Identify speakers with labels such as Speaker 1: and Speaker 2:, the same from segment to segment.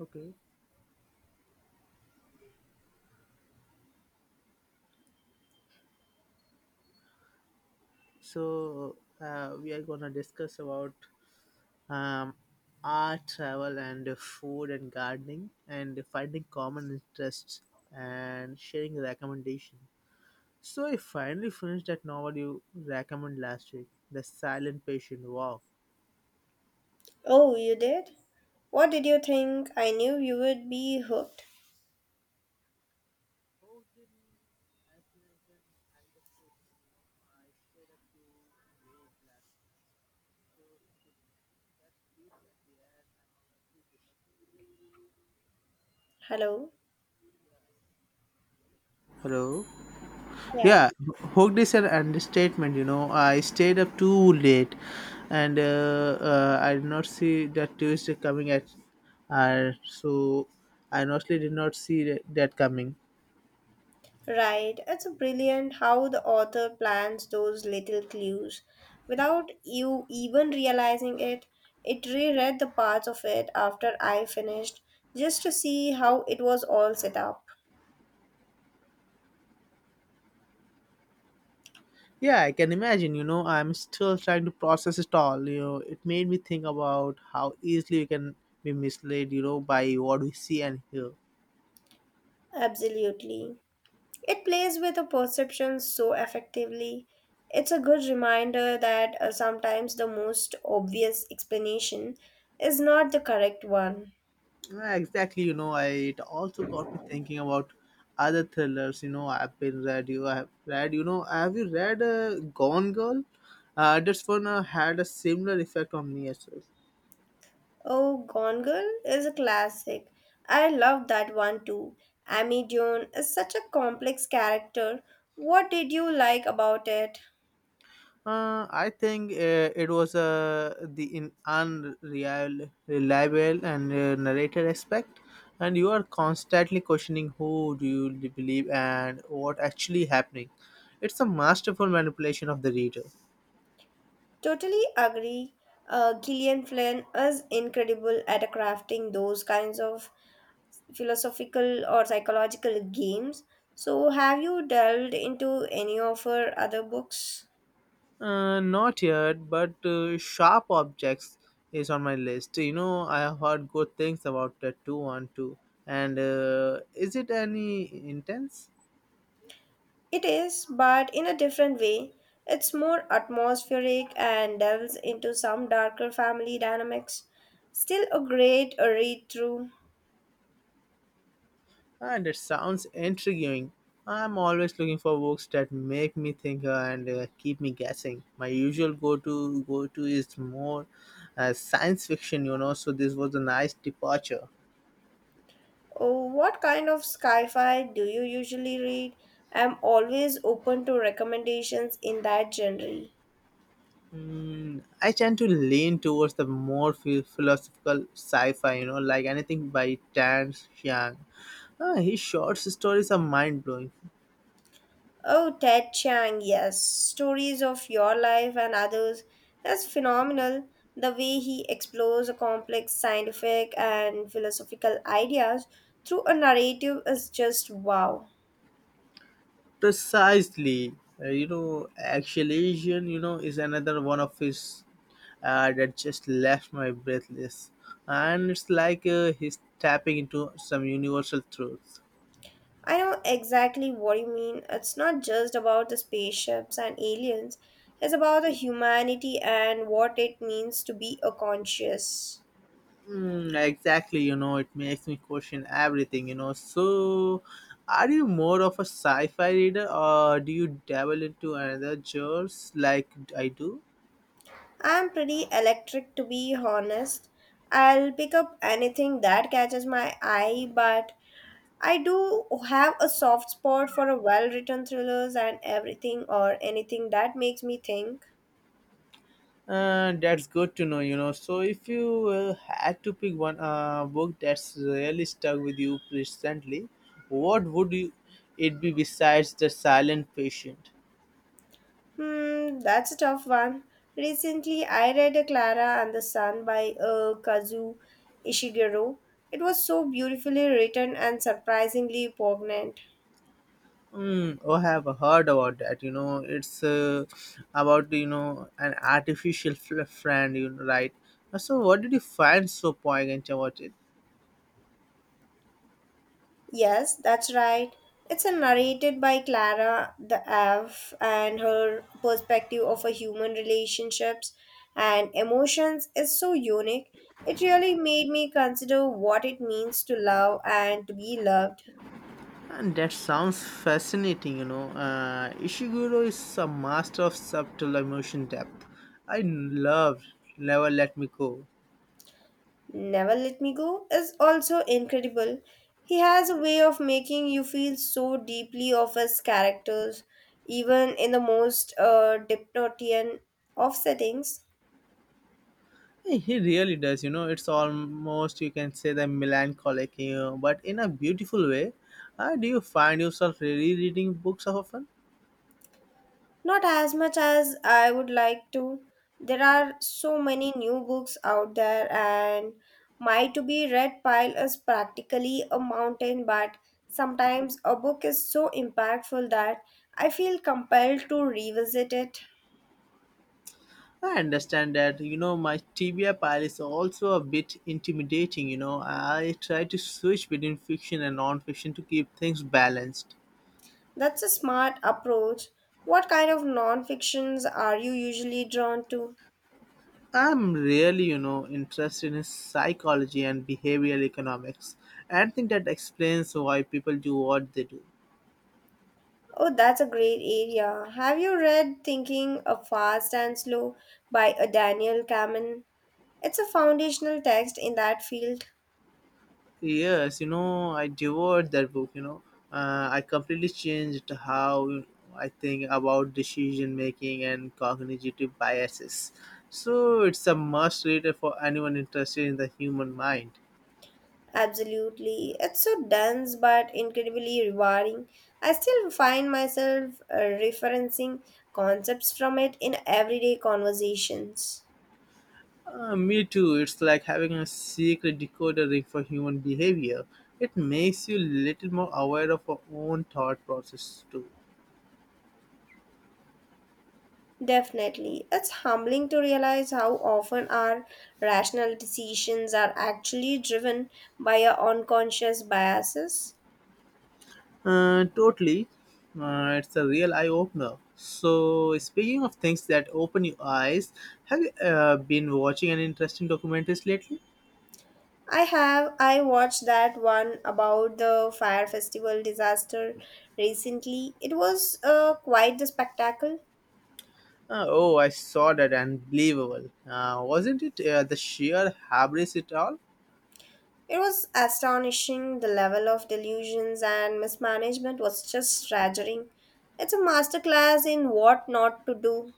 Speaker 1: Okay, so we are gonna discuss about um, art, travel, and food and gardening, and finding common interests and sharing recommendation. So I finally finished that novel you recommended last week, The Silent Patient. Wow.
Speaker 2: Oh, you did? What did you think? I knew you would be hooked.
Speaker 1: Oh, didn't as an understatement, I stayed up too late last night. So to finish, that piece at the end, and honestly did not see that.
Speaker 2: Hello?
Speaker 1: Hello.
Speaker 2: Yeah.
Speaker 1: Yeah, hooked is an understatement. I stayed up too late and I did not see that Tuesday coming at so I honestly did not see that coming.
Speaker 2: Right. It's brilliant how the author plants those little clues. Without you even realizing it, it reread the parts of it after I finished just to see how it was all set up.
Speaker 1: Yeah, I can imagine, I'm still trying to process it all. You know, it made me think about how easily we can be misled, by what we see and hear.
Speaker 2: Absolutely. It plays with a perception so effectively. It's a good reminder that sometimes the most obvious explanation is not the correct one.
Speaker 1: Yeah, exactly. You know, I it also got me thinking about other thrillers. You know, I've been read. You, I have read. You know, have you read Gone Girl? This one had a similar effect on me as well.
Speaker 2: Oh, Gone Girl is a classic. I love that one too. Amy Joan is such a complex character. What did you like about it?
Speaker 1: I think it was the in unreliable reliable and narrated aspect, and you are constantly questioning who do you believe and what actually happening. It's a masterful manipulation of the reader.
Speaker 2: Totally agree. Gillian Flynn is incredible at crafting those kinds of philosophical or psychological games. So, have you delved into any of her other books?
Speaker 1: Not yet, but Sharp Objects is on my list. You know, I have heard good things about the 212. And is it any intense?
Speaker 2: It is, but in a different way. It's more atmospheric and delves into some darker family dynamics. Still a great read through.
Speaker 1: And it sounds intriguing. I'm always looking for books that make me think and keep me guessing. My usual go-to is more science fiction, you know. So this was a nice departure.
Speaker 2: Oh, what kind of sci fi do you usually read? I'm always open to recommendations in that genre.
Speaker 1: Mm, I tend to lean towards the more philosophical sci-fi, you know, like anything by Tan Chiang. Ah, his short stories are mind-blowing.
Speaker 2: Oh, Ted Chiang, yes. Stories of Your Life and Others. That's phenomenal. The way he explores a complex scientific and philosophical ideas through a narrative is just wow.
Speaker 1: Precisely. Uh, you know, Exhalation, is another one of his that just left my breathless, and it's like he's tapping into some universal truths.
Speaker 2: I know exactly what you mean. It's not just about the spaceships and aliens, it's about the humanity and what it means to be a conscious.
Speaker 1: Mm, exactly, it makes me question everything, you know. So, are you more of a sci fi reader or do you dabble into another genres like I do?
Speaker 2: I'm pretty electric to be honest. I'll pick up anything that catches my eye, but I do have a soft spot for a well-written thrillers and everything or anything that makes me think.
Speaker 1: That's good to know, you know. So, if you had to pick one book that's really stuck with you recently, what would you, it be besides The Silent Patient?
Speaker 2: Hmm, that's a tough one. Recently, I read a Clara and the Sun by Kazu Ishiguro. It was so beautifully written and surprisingly poignant.
Speaker 1: Mm, oh, I have heard about that. You know, it's about you know an artificial friend, you know, right? So what did you find so poignant about it?
Speaker 2: Yes, that's right. It's a narrated by Clara the Ave and her perspective of a human relationships and emotions is so unique. It really made me consider what it means to love and to be loved.
Speaker 1: And that sounds fascinating. You know, Ishiguro is a master of subtle emotion depth. I love Never Let Me Go.
Speaker 2: Never Let Me Go is also incredible. He has a way of making you feel so deeply of his characters, even in the most dystopian of settings.
Speaker 1: Hey, he really does. You know, it's almost you can say the melancholic, you know, but in a beautiful way. Do you find yourself rereading books often?
Speaker 2: Not as much as I would like to. There are so many new books out there, and my to be read pile is practically a mountain. But sometimes a book is so impactful that I feel compelled to revisit it.
Speaker 1: I understand that. You know, my TBI pile is also a bit intimidating. You know, I try to switch between fiction and non-fiction to keep things balanced.
Speaker 2: That's a smart approach. What kind of non fictions are you usually drawn to?
Speaker 1: I'm really, interested in psychology and behavioral economics, and I think that explains why people do what they do.
Speaker 2: Oh, that's a great area. Have you read Thinking of Fast and Slow by a Daniel Kamen? It's a foundational text in that field,
Speaker 1: Yes, I devoured that book. I completely changed how I think about decision making and cognitive biases. So it's a must read for anyone interested in the human mind.
Speaker 2: absolutely. It's so dense but incredibly rewarding. I still find myself referencing concepts from it in everyday conversations.
Speaker 1: Me too. It's like having a secret decoder ring for human behavior. It makes you little more aware of your own thought process too.
Speaker 2: Definitely. It's humbling to realize how often our rational decisions are actually driven by our unconscious biases.
Speaker 1: Totally. It's a real eye opener. So, speaking of things that open your eyes, have you been watching any interesting documentaries lately?
Speaker 2: I have. I watched that one about the fire festival disaster recently. It was quite the spectacle.
Speaker 1: Oh, I saw that. Unbelievable. Wasn't it the sheer hubris it all?
Speaker 2: It was astonishing. The level of delusions and mismanagement was just staggering. It's a masterclass in what not to do.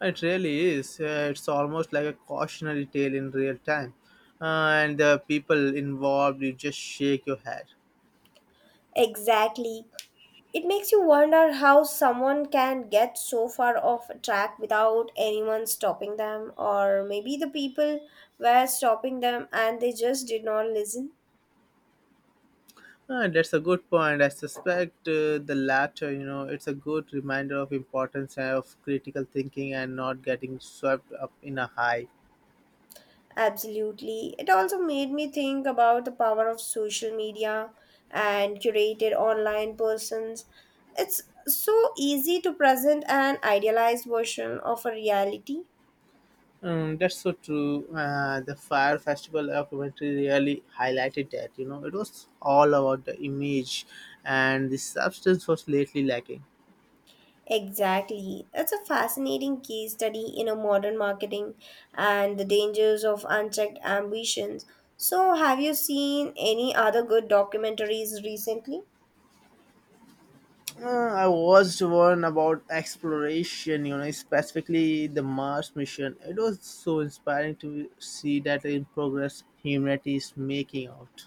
Speaker 1: It really is. It's almost like a cautionary tale in real time. And the people involved, you just shake your head.
Speaker 2: Exactly. It makes you wonder how someone can get so far off track without anyone stopping them, or maybe the people were stopping them and they just did not listen.
Speaker 1: Ah, that's a good point. I suspect the latter, you know, it's a good reminder of importance of critical thinking and not getting swept up in a high.
Speaker 2: Absolutely. It also made me think about the power of social media and curated online persons. It's so easy to present an idealized version of a reality.
Speaker 1: That's so true. The Fire Festival documentary really highlighted that, you know, it was all about the image and the substance was lately lacking.
Speaker 2: Exactly. It's a fascinating case study in a modern marketing and the dangers of unchecked ambitions. So, have you seen any other good documentaries recently?
Speaker 1: Uh, I watched one about exploration, you know, specifically the Mars mission. It was so inspiring to see that in progress humanity is making out.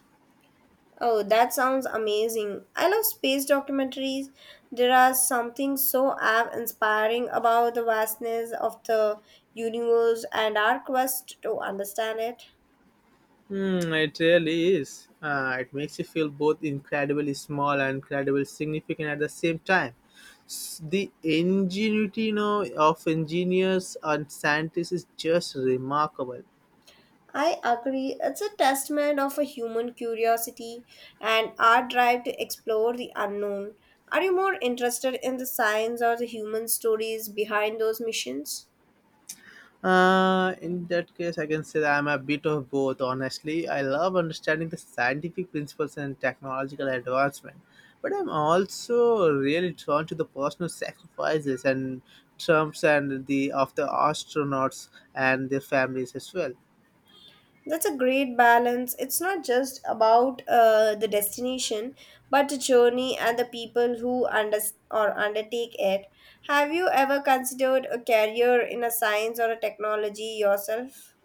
Speaker 2: Oh, that sounds amazing. I love space documentaries. There are something so awe inspiring about the vastness of the universe and our quest to understand it.
Speaker 1: Hmm, it really is. It makes you feel both incredibly small and incredibly significant at the same time. The ingenuity you know, of engineers and scientists is just remarkable.
Speaker 2: I agree. It's a testament of a human curiosity and our drive to explore the unknown. Are you more interested in the science or the human stories behind those missions?
Speaker 1: In that case, I can say that I'm a bit of both, honestly. I love understanding the scientific principles and technological advancement, but I'm also really drawn to the personal sacrifices and Trumps and the of the astronauts and their families as well.
Speaker 2: That's a great balance. It's not just about the destination, but the journey and the people who or undertake it. Have you ever considered a career in a science or a technology yourself?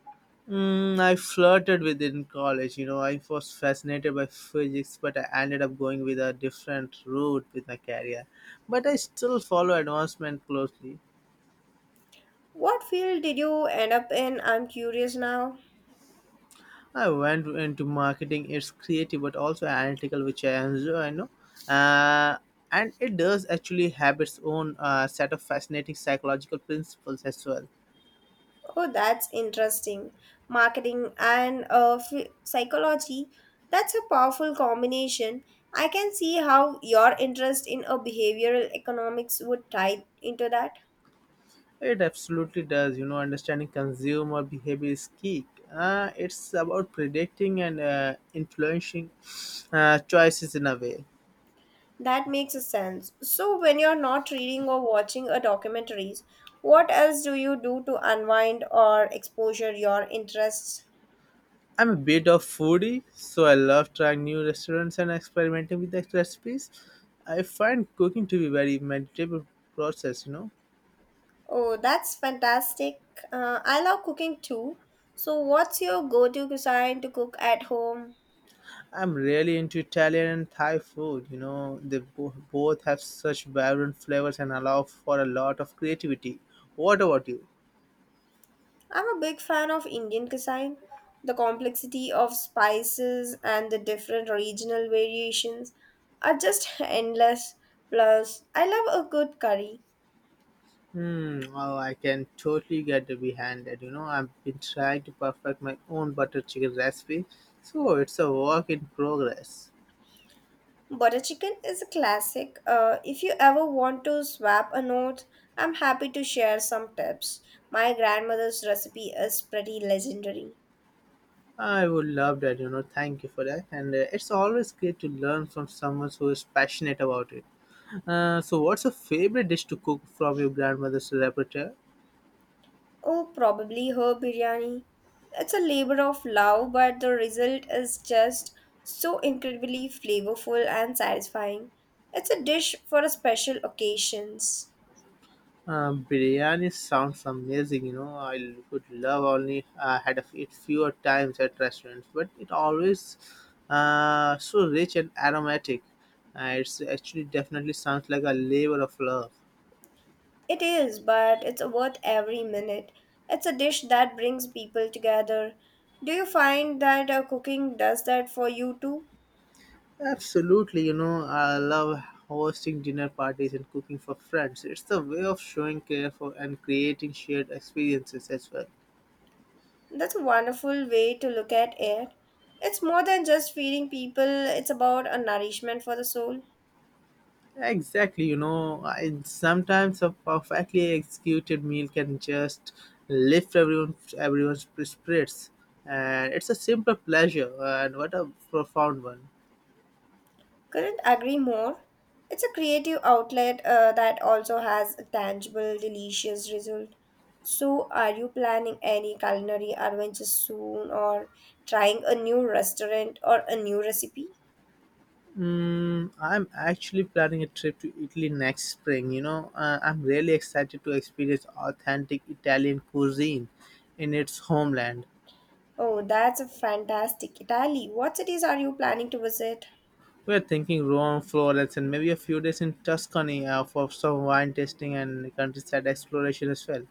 Speaker 1: Mm, I flirted with it in college, you know. I was fascinated by physics, but I ended up going with a different route with my career. But I still follow advancement closely.
Speaker 2: What field did you end up in? I'm curious now.
Speaker 1: I went into marketing. It's creative but also analytical, which I enjoy. I know, uh, and it does actually have its own set of fascinating psychological principles as well.
Speaker 2: Oh, that's interesting. Marketing and psychology. That's a powerful combination. I can see how your interest in a behavioral economics would tie into that.
Speaker 1: It absolutely does. You know, understanding consumer behavior is key. It's about predicting and influencing choices in a way.
Speaker 2: That makes a sense. So, when you're not reading or watching a documentaries, what else do you do to unwind or exposure your interests?
Speaker 1: I'm a bit of foodie, so I love trying new restaurants and experimenting with the recipes. I find cooking to be very meditative process. You know.
Speaker 2: Oh, that's fantastic. I love cooking too. So, what's your go-to cuisine to cook at home?
Speaker 1: I'm really into Italian and Thai food. You know, they both have such vibrant flavors and allow for a lot of creativity. What about you?
Speaker 2: I'm a big fan of Indian cuisine. The complexity of spices and the different regional variations are just endless. Plus, I love a good curry.
Speaker 1: Hmm, well, I can totally get behind that. You know, I've been trying to perfect my own butter chicken recipe, so it's a work in progress.
Speaker 2: Butter chicken is a classic. If you ever want to swap a note, I'm happy to share some tips. My grandmother's recipe is pretty legendary.
Speaker 1: I would love that, you know. Thank you for that. And it's always great to learn from someone who is passionate about it. So, what's your favorite dish to cook from your grandmother's repertoire?
Speaker 2: Oh, probably her biryani. It's a labor of love, but the result is just so incredibly flavorful and satisfying. It's a dish for special occasions.
Speaker 1: Biryani sounds amazing. I would love only had a it fewer times at restaurants, but it always so rich and aromatic. It's actually definitely sounds like a labor of love.
Speaker 2: It is, but it's worth every minute. It's a dish that brings people together. Do you find that cooking does that for you too?
Speaker 1: Absolutely, I love hosting dinner parties and cooking for friends. It's the way of showing care for and creating shared experiences as well.
Speaker 2: That's a wonderful way to look at it. It's more than just feeding people, it's about a nourishment for the soul.
Speaker 1: Exactly, sometimes a perfectly executed meal can just lift everyone's spirits, and it's a simple pleasure, and what a profound one.
Speaker 2: Couldn't agree more. It's a creative outlet that also has a tangible, delicious result. So, are you planning any culinary adventures soon or trying a new restaurant or a new recipe?
Speaker 1: Mm, I'm actually planning a trip to Italy next spring. I'm really excited to experience authentic Italian cuisine in its homeland.
Speaker 2: Oh, that's a fantastic Italy. What cities are you planning to visit?
Speaker 1: We're thinking Rome, Florence, and maybe a few days in Tuscany for some wine tasting and countryside exploration as well.